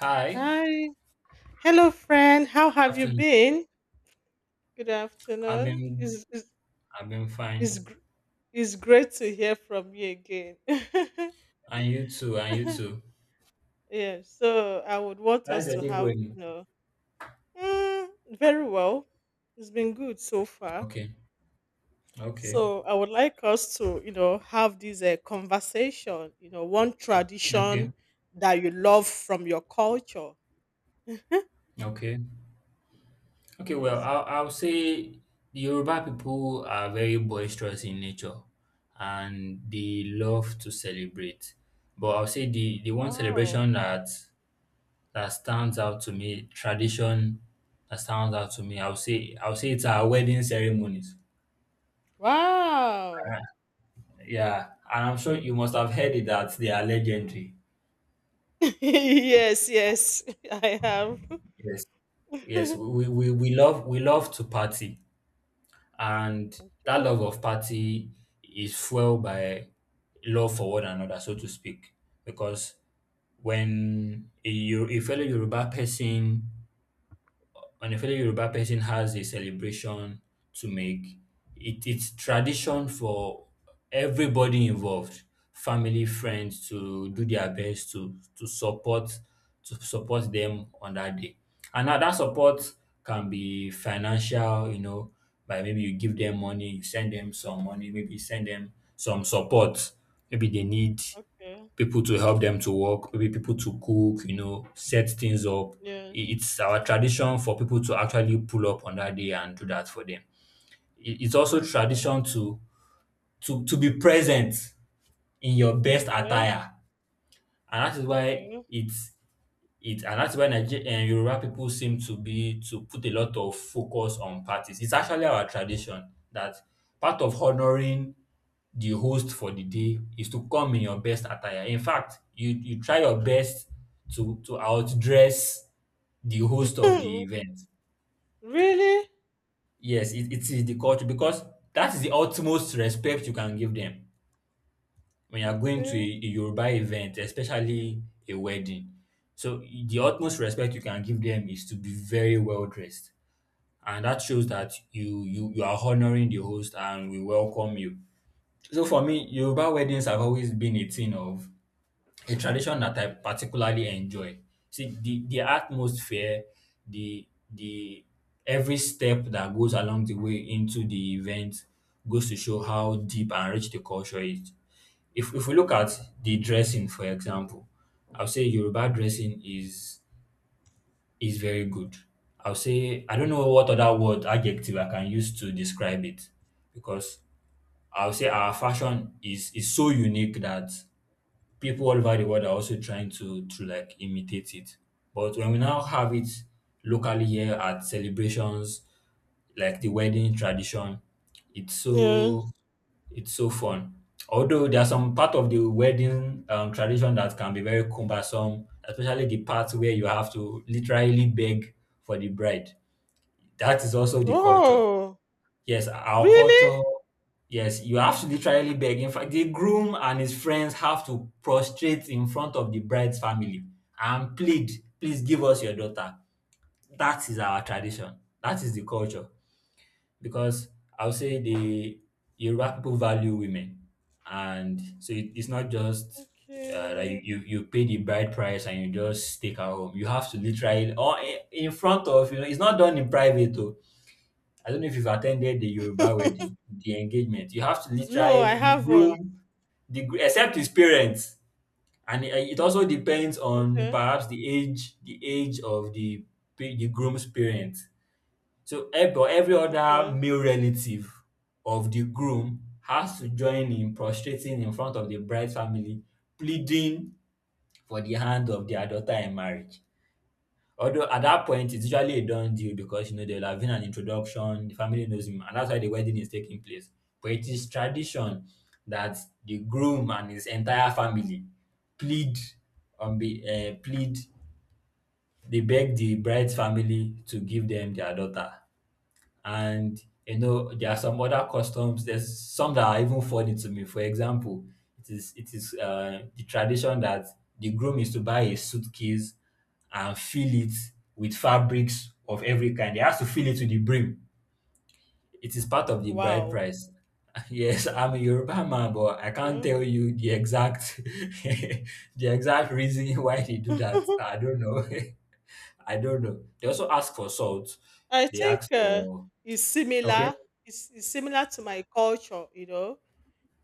Hi, Hi. Hello, friend. How good have you afternoon. been? Good I've afternoon. been It's, it's, I've been it's, fine. gr- it's great to hear from you again. And you too, and you too. Yeah, so I would want How's us your to day have, going? you know, Mm, very well. It's been good so far. Okay, okay, So I would like us to, have this conversation, one tradition okay, that you love from your culture. okay. Okay, well, Yes. I'll say the Yoruba people are very boisterous in nature and they love to celebrate. But I'll say the one Wow. celebration that stands out to me, tradition that stands out to me, I'll say it's our wedding ceremonies. Wow. Yeah, and I'm sure you must have heard it that they are legendary. Yes, yes, I have. Yes, yes, we love to party, and that Okay, love of party is fueled by love for one another, so to speak. Because when a fellow Yoruba person has a celebration to make. It's tradition for everybody involved, family, friends, to do their best to support them on that day. And now that support can be financial, by maybe you give them money, you send them some money, maybe you send them some support. Maybe they need okay, people to help them to work, maybe people to cook, set things up. yes, It's our tradition for people to actually pull up on that day and do that for them. It's also okay, tradition to be present in your best okay, attire, and that is why okay. it's it and that's why Yoruba people seem to put a lot of focus on parties. It's actually our tradition that part of honoring the host for the day is to come in your best attire. In fact, you try your best to outdress the host of the event. Really? Yes, it is the culture because that is the utmost respect you can give them when you are going to Okay. a Yoruba event, especially a wedding. So the utmost respect you can give them is to be very well dressed, and that shows that you are honoring the host and we welcome you. So for me, Yoruba weddings have always been a thing of a tradition that I particularly enjoy. See, the atmosphere, the every step that goes along the way into the event goes to show how deep and rich the culture is. If we look at the dressing, for example, I'll say Yoruba dressing is very good. I'll say I don't know what other word adjective I can use to describe it because I'll say our fashion is so unique that people all over the world are also trying to like imitate it. But when we now have it locally here at celebrations, like the wedding tradition, it's so Yes. it's so fun. Although there are some part of the wedding tradition that can be very cumbersome, especially the part where you have to literally beg for the bride. That is also the culture. Oh, Yes, our really? culture. Yes, you have to literally beg. In fact, the groom and his friends have to prostrate in front of the bride's family and plead, please give us your daughter. That is our tradition. That is the culture. Because I would say the Yoruba people value women. And so it's not just like Okay. you pay the bride price and you just take her home. You have to literally, or in front of, it's not done in private, though I don't know if you've attended the Yoruba wedding, the engagement. You have to No, I literally the haven't. groom, except his parents, and it also depends on Okay, perhaps the age of the groom's parents. So, but every other okay. male relative of the groom has to join in prostrating in front of the bride's family, pleading for the hand of their daughter in marriage. Although at that point it's usually a done deal because, there would have been an introduction, the family knows him, and that's why the wedding is taking place. But it is tradition that the groom and his entire family plead on be plead they beg the bride's family to give them their daughter. And there are some other customs, there's some that are even funny to me. For example, it is the tradition that the groom is to buy a suitcase and fill it with fabrics of every kind. They have to fill it to the brim. It is part of the bride Wow. price. Yes, I'm a Yoruba man, but I can't Okay. tell you the exact the exact reason why they do that. I don't know. I don't know. They also ask for salt. I They think ask for. it's Okay, similar. It's similar to my culture.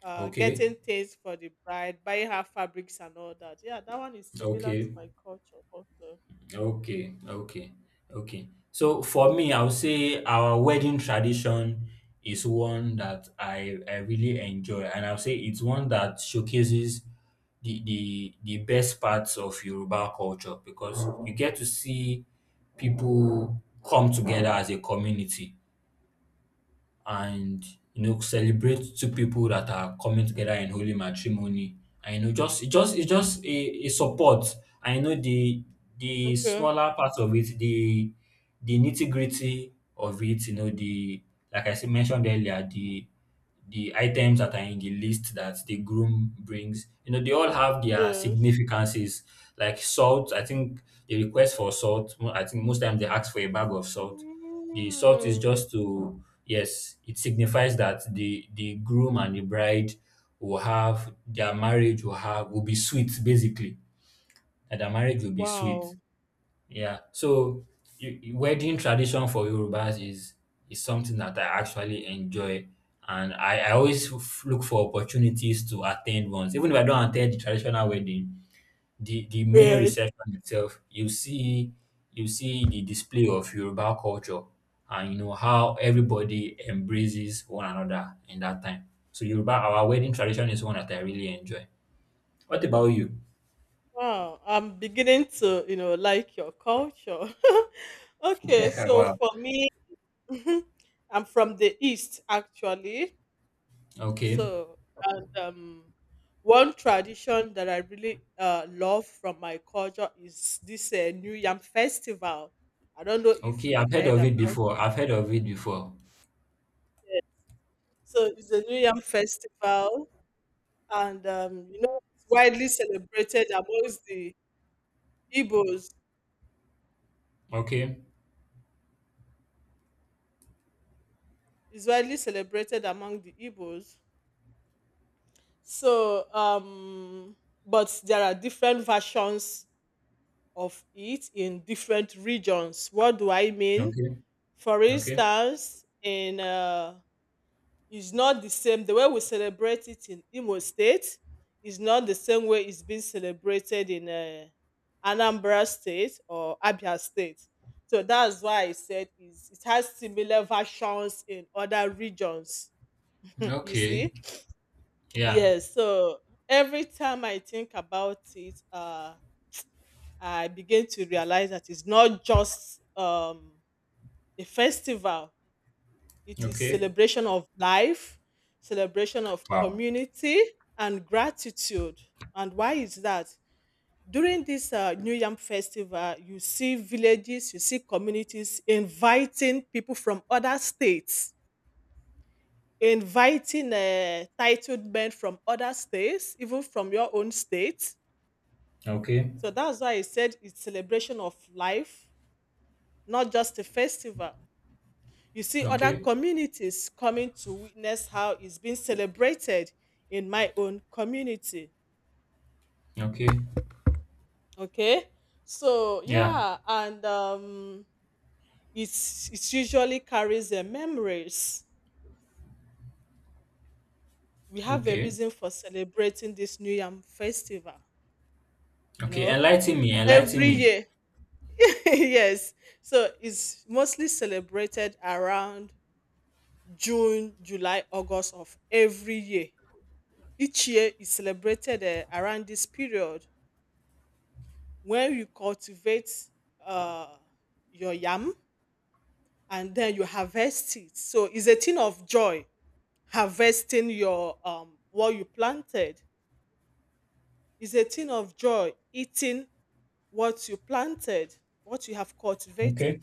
okay, Getting things for the bride, buying her fabrics and all that. Yeah, that one is similar to okay. my culture also. Okay, okay, okay. So for me, I would say our wedding tradition is one that I really enjoy, and I'll say it's one that showcases the best parts of Yoruba culture because you get to see people come together as a community and celebrate two people that are coming together in holy matrimony, and you know just it just it's just a support. I know the Okay. smaller part of it, the nitty-gritty of it. You know the Like I said, mentioned earlier, the items that are in the list that the groom brings. You know, they all have their Yes. significances. Like salt, I think the request for salt, I think most times they ask for a bag of salt. The salt is Mm. just to, yes, it signifies that the groom and the bride will have their marriage will be sweet basically. That their marriage will be sweet. Wow. Yeah. So wedding tradition for Yorubas is something that I actually enjoy, and I always look for opportunities to attend ones. Even if I don't attend the traditional wedding, the main Yes. reception itself, you see the display of Yoruba culture, and you know how everybody embraces one another in that time. So Yoruba, our wedding tradition is one that I really enjoy. What about you? Wow. I'm beginning to, like your culture. Okay, so Wow. for me, I'm from the East actually. Okay. So, and one tradition that I really love from my culture is this New Yam Festival. I don't know if Okay, you've I've heard heard of it about before. it. I've heard of it before. Yeah. So, it's a New Yam Festival, and it's widely celebrated amongst the Igbos. Okay, It's widely celebrated among the Igbos. So, but there are different versions of it in different regions. What do I mean? okay, For okay, instance, in it's not the same. The way we celebrate it in Imo State is not the same way it's being celebrated in Anambra State or Abia State. So that's why I said it has similar versions in other regions. You okay. see? Yeah, Yes. So every time I think about it, I begin to realize that it's not just a festival. It is okay. celebration of life, celebration of Wow. community, and gratitude. And why is that? During this New Yam Festival, you see villages, you see communities inviting people from other states, inviting titled men from other states, even from your own state. Okay, So that's why I said it's celebration of life, not just a festival. You see other okay, communities coming to witness how it's being celebrated in my own community. okay. Okay. So Yeah, yeah, and it usually carries memories. We have a okay, reason for celebrating this New Yam festival, you okay. know, Enlighten me, enlighten every me. year. Yes. So it's mostly celebrated around June, July, August of every year. Each year is celebrated around this period when you cultivate uh, your yam and then you harvest it. So it's a thing of joy harvesting your what you planted. It's a thing of joy eating what you planted, what you have Okay, cultivated.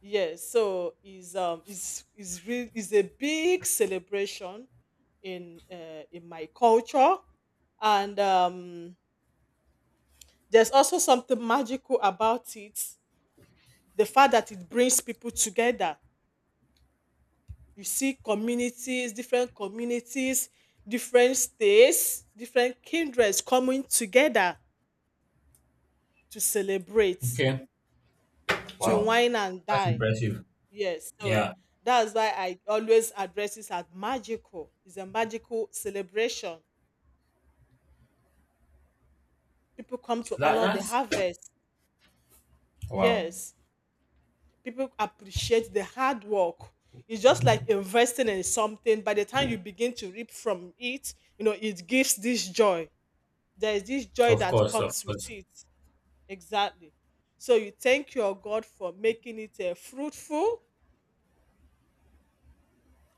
Yes, so is is real, is a big celebration in my culture, and there's also something magical about it, the fact that it brings people together. You see communities, different states, different kindreds coming together to celebrate, okay. to Wow, wine and that's dine. impressive. Yes, so Yeah, that's why I always address this as magical. It's a magical celebration. People come to that, honor the that's harvest. wow. Yes. People appreciate the hard work. It's just like investing in something. By the time you begin to reap from it, it gives this joy. There is this joy Of that course, of comes with course. it. Exactly. So you thank your God for making it fruitful.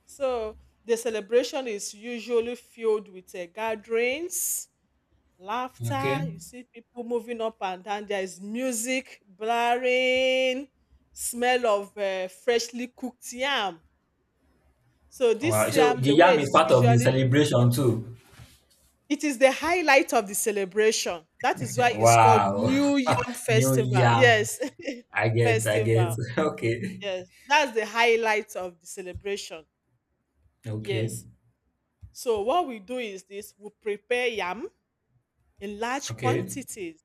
So the celebration is usually filled with gatherings, Okay. laughter. You see people moving up and down. There is music blaring, smell of freshly cooked yam. So Wow. this So yam, the the way yam is it's part of the usually, celebration too. it is the highlight of the celebration. That is why it's called Wow. New Yam New Festival. yam. Yes, I get, I get. festival. Okay. Yes, that's the highlight of the celebration. Okay, Yes. So what we do is this: we prepare yam in large okay, quantities.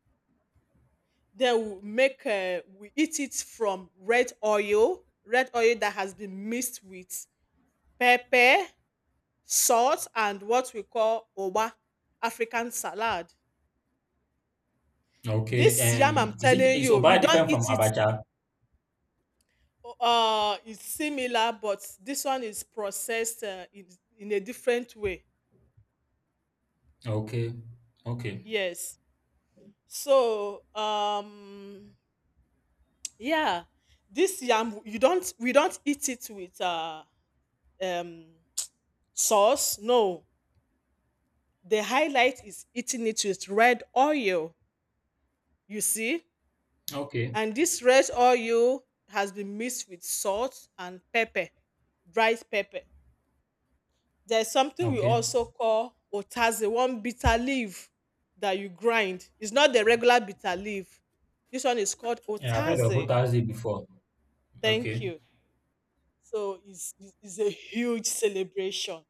Then we eat it from red oil that has been mixed with pepper, salt, and what we call oba, African salad. okay. This yam I'm is it telling is you, Oba you don't different from eat it. Abacha? It's similar, but this one is processed in a different way. Okay, okay, Yes. So, yeah, this yam you don't we don't eat it with um sauce. No, the highlight is eating it with red oil. You see, okay, and this red oil has been mixed with salt and pepper, dried pepper. There's something we okay. also call otaze, one bitter leaf that you grind. It's not the regular bitter leaf. This one is called Yeah, I've heard of otaze. Otazi before. Thank Okay, you. So it's a huge celebration.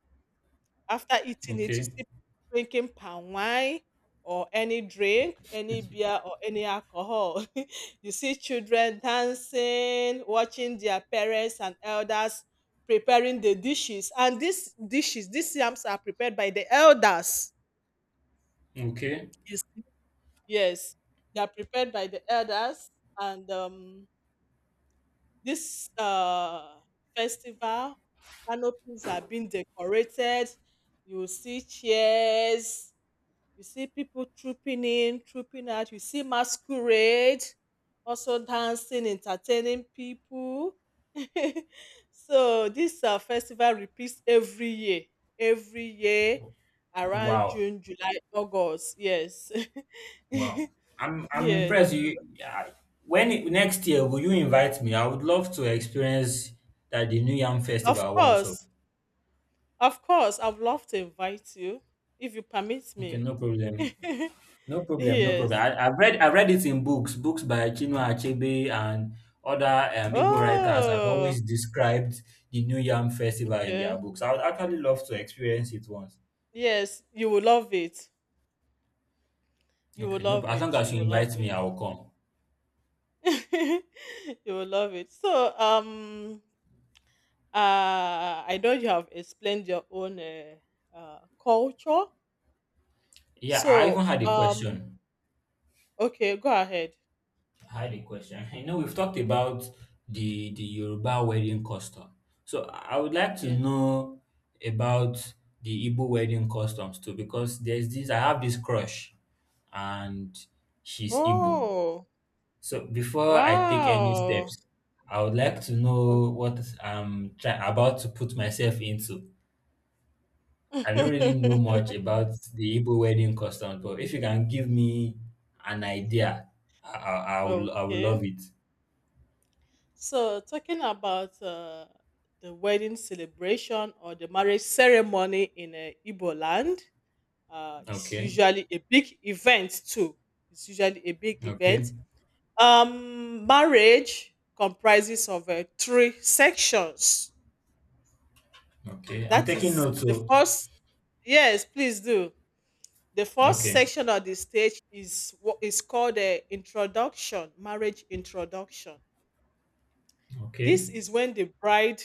After eating it, you see okay, people drinking palm wine or any drink, any beer or any alcohol. You see children dancing, watching their parents and elders preparing the dishes. And these dishes, these yams are prepared by the elders. okay. You see? Yes, they are prepared by the elders, and this festival canopies are being decorated. You will see chairs. You see people trooping in, trooping out. You see masquerade, also dancing, entertaining people. So this festival repeats every year around Wow, June, July, August. Yes. wow. I'm Yes, impressed. You I, when it- Next year will you invite me? I would love to experience that the New Yam of Festival once. So course. Of course, I would love to invite you if you permit okay, me. no problem. No problem, no problem. Yes. I've read it in books, books by Chinua Achebe and other Igbo writers have Oh, always described the New Yam Festival in their okay. books. I would actually love to experience it once. Yes, you will love it. You will Okay, no, love as long it. as You you will love invite me, I it. will come. You will love it. So, I know you have explained your own culture. Yeah, I even So, had a question. okay, go ahead. I had a question. You know we've talked about the Yoruba wedding custom. So I would like to Yes. know about the Igbo wedding customs too, because there's this I have this crush, and she's Igbo. Oh, So before I take any wow. steps, I would like to know what I'm about to put myself into. I don't really know Okay. much about the Igbo wedding customs, but if you can give me an idea, I, I, I would Okay. love it. So, talking about the wedding celebration or the marriage ceremony in Igbo land, it's Okay. usually a big event too. It's usually a big Okay, event. Marriage comprises of three sections. okay. I'm That taking is notes. the So first. Yes, please do. The first okay, section of the stage is what is called the introduction, marriage introduction. okay, This is when the bride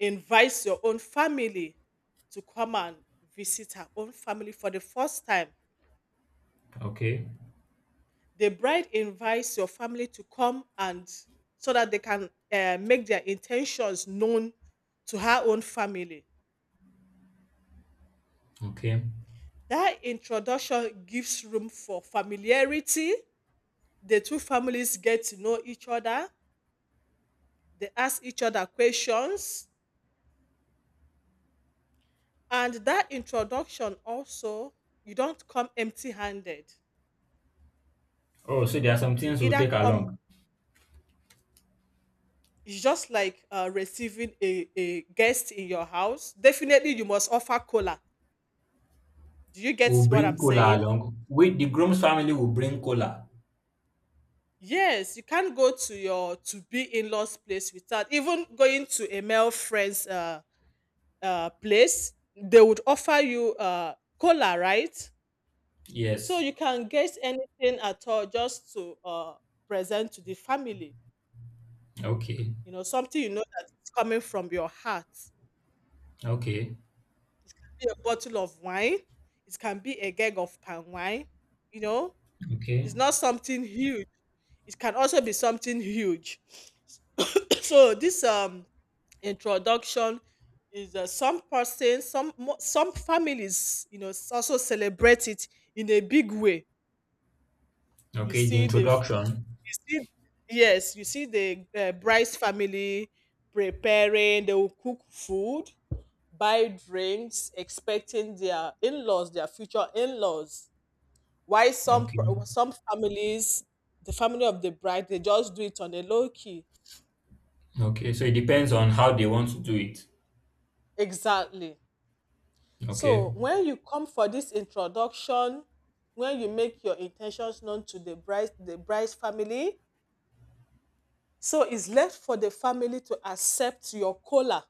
invites your own family to come and visit her own family for the first time. okay, The bride invites your family to come and so that they can make their intentions known to her own family. okay. That introduction gives room for familiarity. The two families get to know each other, they ask each other questions, and that introduction also, you don't come empty handed. Oh, so there are some You things we'll either take come. along. It's just like receiving a guest in your house. Definitely, you must offer cola. Do you We'll get what bring I'm cola saying? along. We, the groom's family, will bring cola. Yes, you can't go to your to be in law's place without even going to a male friend's place. They would offer you cola, right? So Yes. you can get anything at all just to present to the family. Okay. Something you know that is coming from your heart. Okay. Be a bottle of wine. It can be a keg of palm wine. You know, Okay. it's not something huge. It can also be something huge. So this introduction is some person, some families, also celebrate it in a big way. You Okay. The see the, f- introduction. you see, yes, you see the bride's family preparing. They will cook food, buy drinks, expecting their in-laws, their future in-laws. Why some Okay. some families, the family of the bride, they just do it on a low key. Okay. So it depends on how they want to do it. Exactly. Okay. So when you come for this introduction, when you make your intentions known to the bride, the bride's family, so it's left for the family to accept your cola.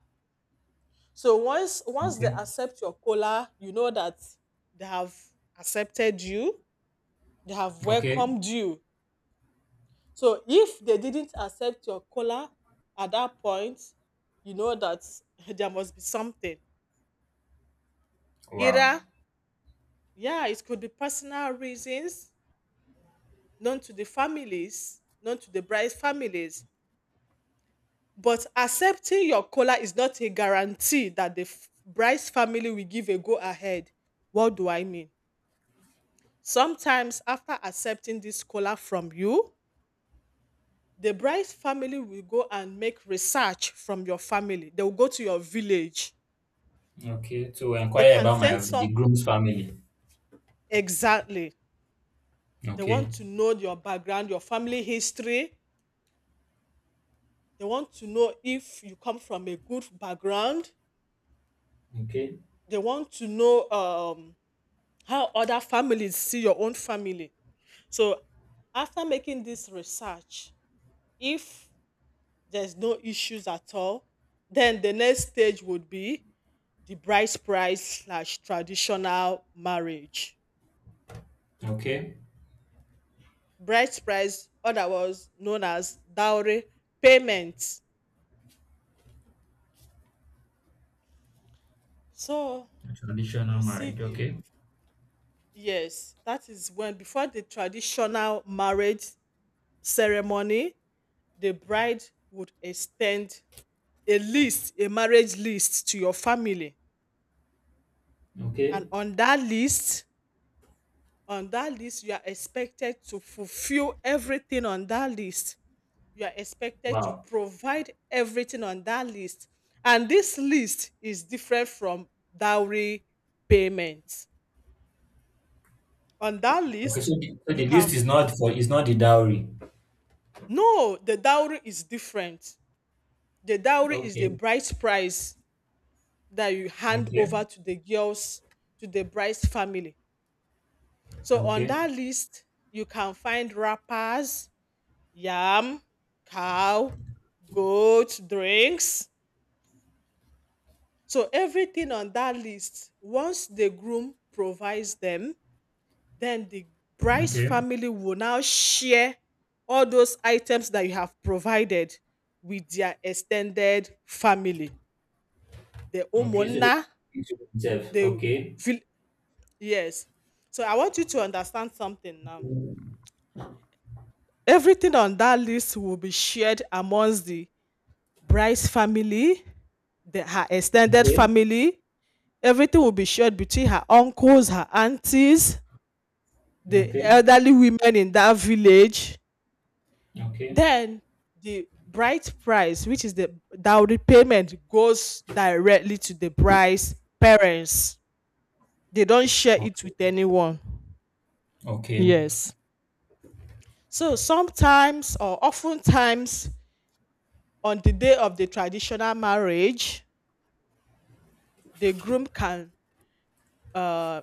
So once they Okay. accept your cola, you know that they have accepted you, they have Okay. welcomed you. So if they didn't accept your caller at that point, you know that there must be something. Wow. Either, yeah, it could be personal reasons known to the families, known to the bride's families. But accepting your caller is not a guarantee that the bride's family will give a go ahead. What do I mean? Sometimes, after accepting this caller from you, the bride's family will go and make research from your family. They will go to your village. Okay. To They inquire can about send my the some. groom's family. Exactly. They Okay. want to know your background, your family history. They want to know if you come from a good background. Okay. They want to know how other families see your own family. So, after making this research, if there's no issues at all, then the next stage would be the bride's price slash traditional marriage. Okay. Bride's price, otherwise known as dowry payment. So Traditional you see marriage. the, Okay. yes, that is when before the traditional marriage ceremony, the bride would extend a list, a marriage list to your family. Okay. And on that list, you are expected to fulfill everything on that list. You are expected to Wow. provide everything on that list. And this list is different from dowry payment. On that Okay. So list, the, so you the can list f- is not the dowry. No, the dowry is different. The dowry is the Okay. bride's price that you hand Okay. over to the girls, to the bride's family. So on Okay. that list, you can find wrappers, yam, cow, goat, drinks. So everything on that list, once the groom provides them, then the bride's Okay. family will now share all those items that you have provided with their extended family. The Okay. So they homeowner, keep to themselves. the Okay. vil- yes. So I want you to understand something now. Okay. Everything on that list will be shared amongst the bride's family, her extended Okay. family. Everything will be shared between her uncles, her aunties, Okay. the Okay. elderly women in that village. Then the bride price, which is the dowry payment, goes directly to the bride's parents. They don't share it with Okay. anyone. Okay. Yes. So sometimes or oftentimes on the day of the traditional marriage, the groom can uh,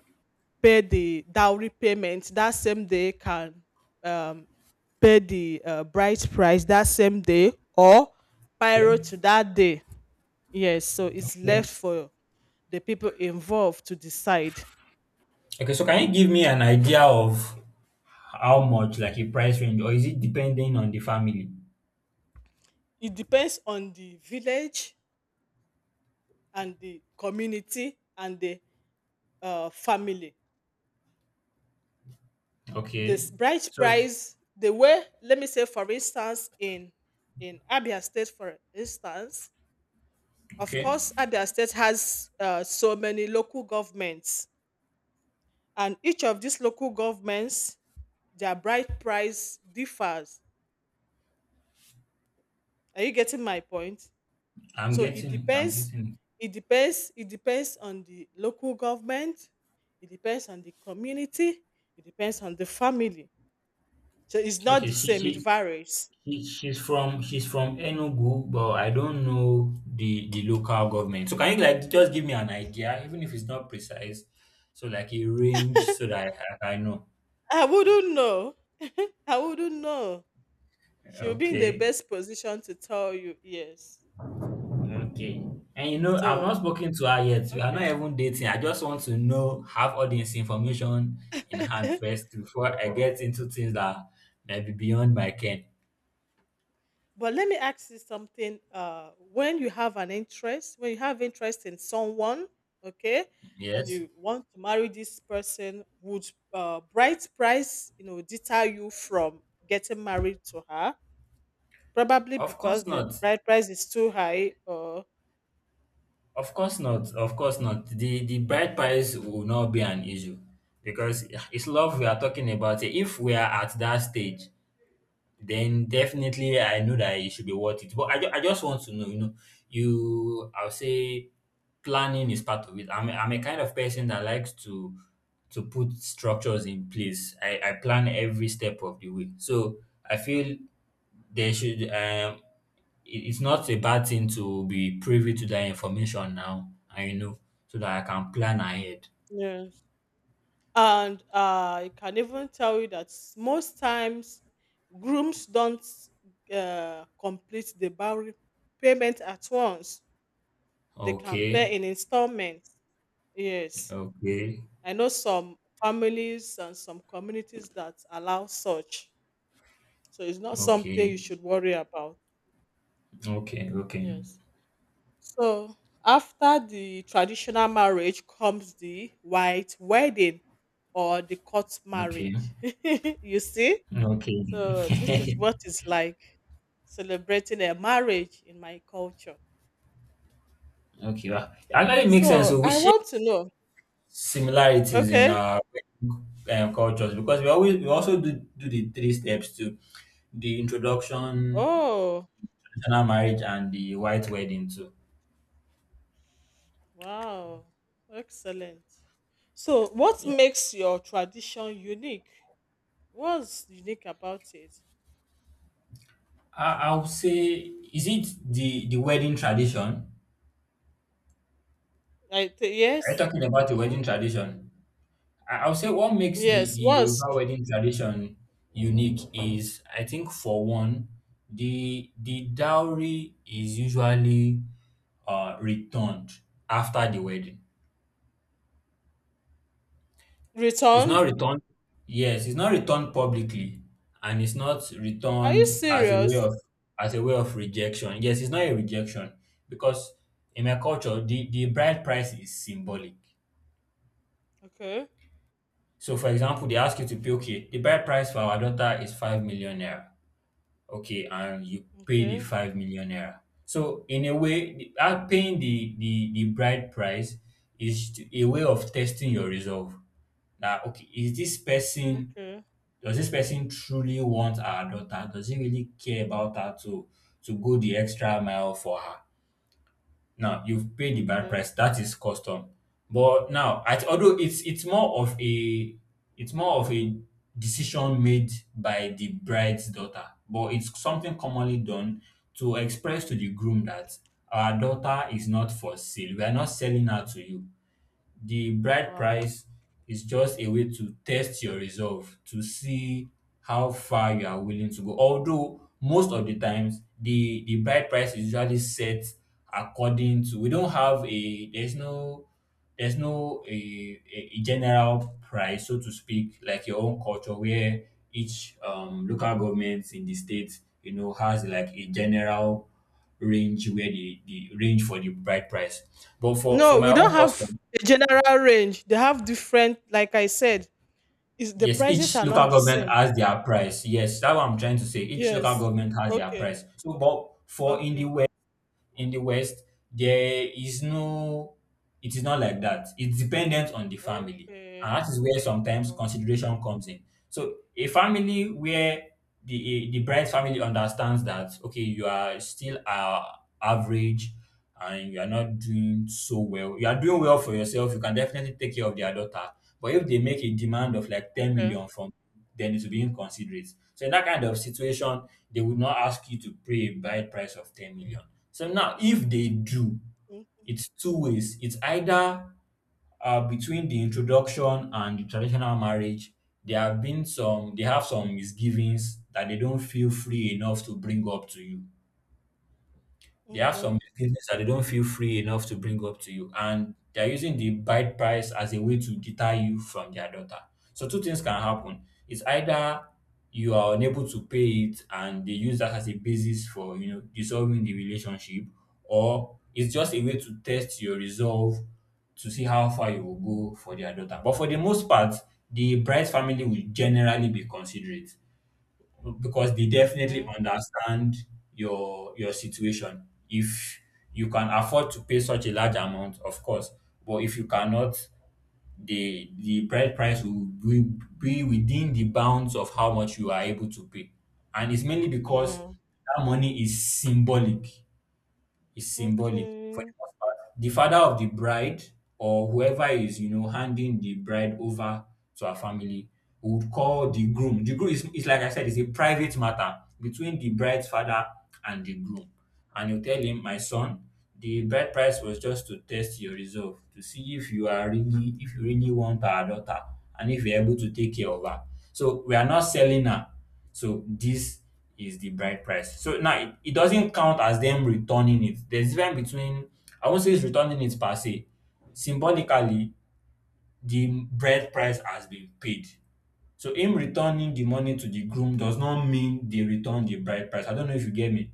pay the dowry payment that same day, can um, pay the bride price that same day, or pyro to that day. Yes, so it's Okay. left for the people involved to decide. Okay. So can you give me an idea of how much, like a price range, or is it depending on the family? It depends on the village and the community and the family. Okay. This bride So price, the way, let me say for instance in Abia State, for instance, of okay. course Abia State has so many local governments, and each of these local governments, their bride price differs. Are you getting my point? I'm So it getting it. I'm depends getting it. it depends it depends on the local government. It depends on the community. It depends on the family. So it's not Okay. the same, it varies. She, she's from Enugu, but I don't know the local government. So can you like just give me an idea, even if it's not precise, so like a range so that I know. I wouldn't know. I wouldn't know. She'll be in the Okay, best position to tell you, yes. okay. And I've not So, spoken to her yet. We are not okay. even dating. I just want to know have all this information in hand first before I get into things that may be beyond my ken. But let me ask you something. When you have interest in someone, okay, and Yes, you want to marry this person, would bright price, deter you from getting married to her? Probably of course because the not. bride price is too high, or. Of course not. Of course not. The bride price will not be an issue because it's love we are talking about. If we are at that stage, then definitely I know that it should be worth it. But I just want to know, you I'll say planning is part of it. I'm a kind of person that likes to put structures in place. I plan every step of the way. So I feel there should it's not a bad thing to be privy to that information now and you know so that I can plan ahead. And I can even tell you that most times grooms don't complete the boundary payment at once. They can pay Okay, in installments. Yes, okay, I know some families and some communities that allow such. So it's not something okay, you should worry about. okay, okay, Yes. So after the traditional marriage comes the white wedding or the court okay, marriage. You see? So this is okay, what it's like celebrating a marriage in my culture. okay. Wow. Actually, it makes sense. So So we I share want to know. similarities in Okay. our cultures because we always we also do the three steps too: the introduction, Oh, traditional marriage, and the white wedding too. wow. Excellent. So what makes your tradition unique? What's unique about it? I'll say, is it the wedding tradition? Are you Yes. talking about the wedding Mhm. tradition? I'll say what makes the Yes, the was Yoruba wedding tradition unique is, I think, for one, the dowry is usually returned after the wedding. It's not returned. returned. Yes, it's not returned publicly, and it's not Are you returned as a way serious? of rejection. Yes, it's not a rejection because in my culture, the bride price is symbolic. Okay. So, for example, they ask you to pay. Okay, the bride price for our daughter is 5 million naira. Okay, and you pay the Okay. 5 million naira. So, in a way, paying the bride price a way of testing your resolve. Now, okay, is this person. Okay. Does this person truly want our daughter? Does he really care about her to go the extra mile for her? Now you've paid the bad Okay. price. That is custom. But now, at, although it's more of a it's more of a decision made by the bride's daughter, but it's something commonly done to express to the groom that our daughter is not for sale. We are not selling her to you. The bride Wow. price is just a way to test your resolve to see how far you are willing to go. Although most of the times the bride price is usually set according to we don't have a there's no a general price so to speak like your own culture where each local government in the state you know has like a general range where the range for the bride price but for No, my we don't own have custom. a general range. They have different, like I said. Is the Yes, prices each are local not the government same. has their price. Yes, that's what I'm trying to say. Each local Yes. government has their Okay. price. So, but for Okay. In the west, there is no. It is not like that. It's dependent on the family, Okay. and that is where sometimes consideration comes in. So, a family where the bride's family understands that okay, you are still average and you are not doing so well. You are doing well for yourself. You can definitely take care of their daughter. But if they make a demand of like 10 Okay. million from, then it will be inconsiderate. So in that kind of situation, they would not ask you to pay a buy price of 10 million. So now if they do, Mm. it's two ways. It's either between the introduction and the traditional marriage, there have been some they have some misgivings that they don't feel free enough to bring up to you they have some Okay. business that they don't feel free enough to bring up to you, and they're using the bride price as a way to deter you from their daughter. So two things can happen. It's either you are unable to pay it and they use that as a basis for you know dissolving the relationship, or it's just a way to test your resolve to see how far you will go for their daughter. But for the most part, the bride's family will generally be considerate because they definitely Okay. understand your situation. If you can afford to pay such a large amount, of course, but if you cannot, the bride price will be within the bounds of how much you are able to pay, and it's mainly Uh because huh. that money is symbolic for Okay. the most part. The father of the bride or whoever is, you know, handing the bride over to her family would call the groom. The groom is like I said, is a private matter between the bride's father and the groom. And you tell him, my son, the bride price was just to test your resolve to see if you are really, if you really want our daughter and if you're able to take care of her. So we are not selling her. So this is the bride price. So now it doesn't count as them returning it. There's difference between I won't say it's returning it per se. Symbolically, the bride price has been paid. So him returning the money to the groom does not mean they return the bride price. I don't know if you get me.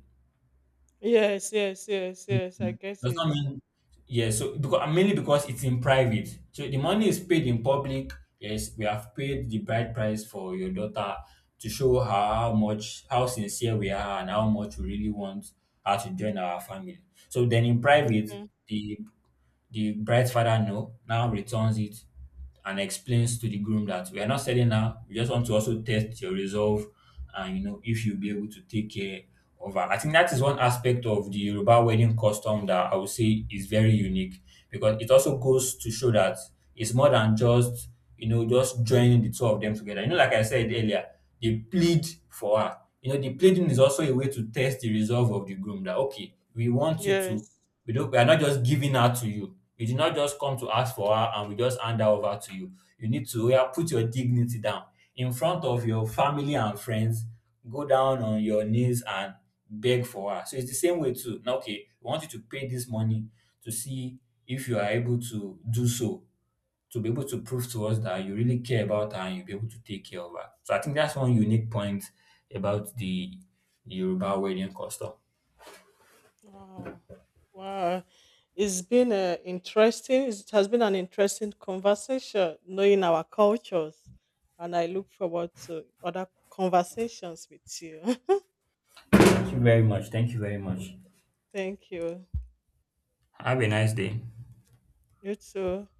Yes, yes, yes, yes. I Mm. get Does not it. mean yeah. So because mainly because it's in private. So the money is paid in public. Yes, we have paid the bride price for your daughter to show her how much how sincere we are and how much we really want her to join our family. So then in private, Mm. the bride's father know now returns it and explains to the groom that we are not selling now. We just want to also test your resolve and you know if you'll be able to take care of her. I think that is one aspect of the Yoruba wedding custom that I would say is very unique because it also goes to show that it's more than just you know just joining the two of them together. You know, like I said earlier, they plead for her. You know, the pleading is also a way to test the resolve of the groom that okay, we want you to Yes. We are not just giving her to you. You did not just come to ask for her and we just hand her over to you. You need to oya put your dignity down in front of your family and friends. Go down on your knees and beg for her. So it's the same way too. Now, okay, we want you to pay this money to see if you are able to do so, to be able to prove to us that you really care about her and you'll be able to take care of her. So I think that's one unique point about the Yoruba wedding custom. Wow. Wow. It's been interesting. It has been an interesting conversation knowing our cultures. And I look forward to other conversations with you. Thank you very much. Thank you very much. Thank you. Have a nice day. You too.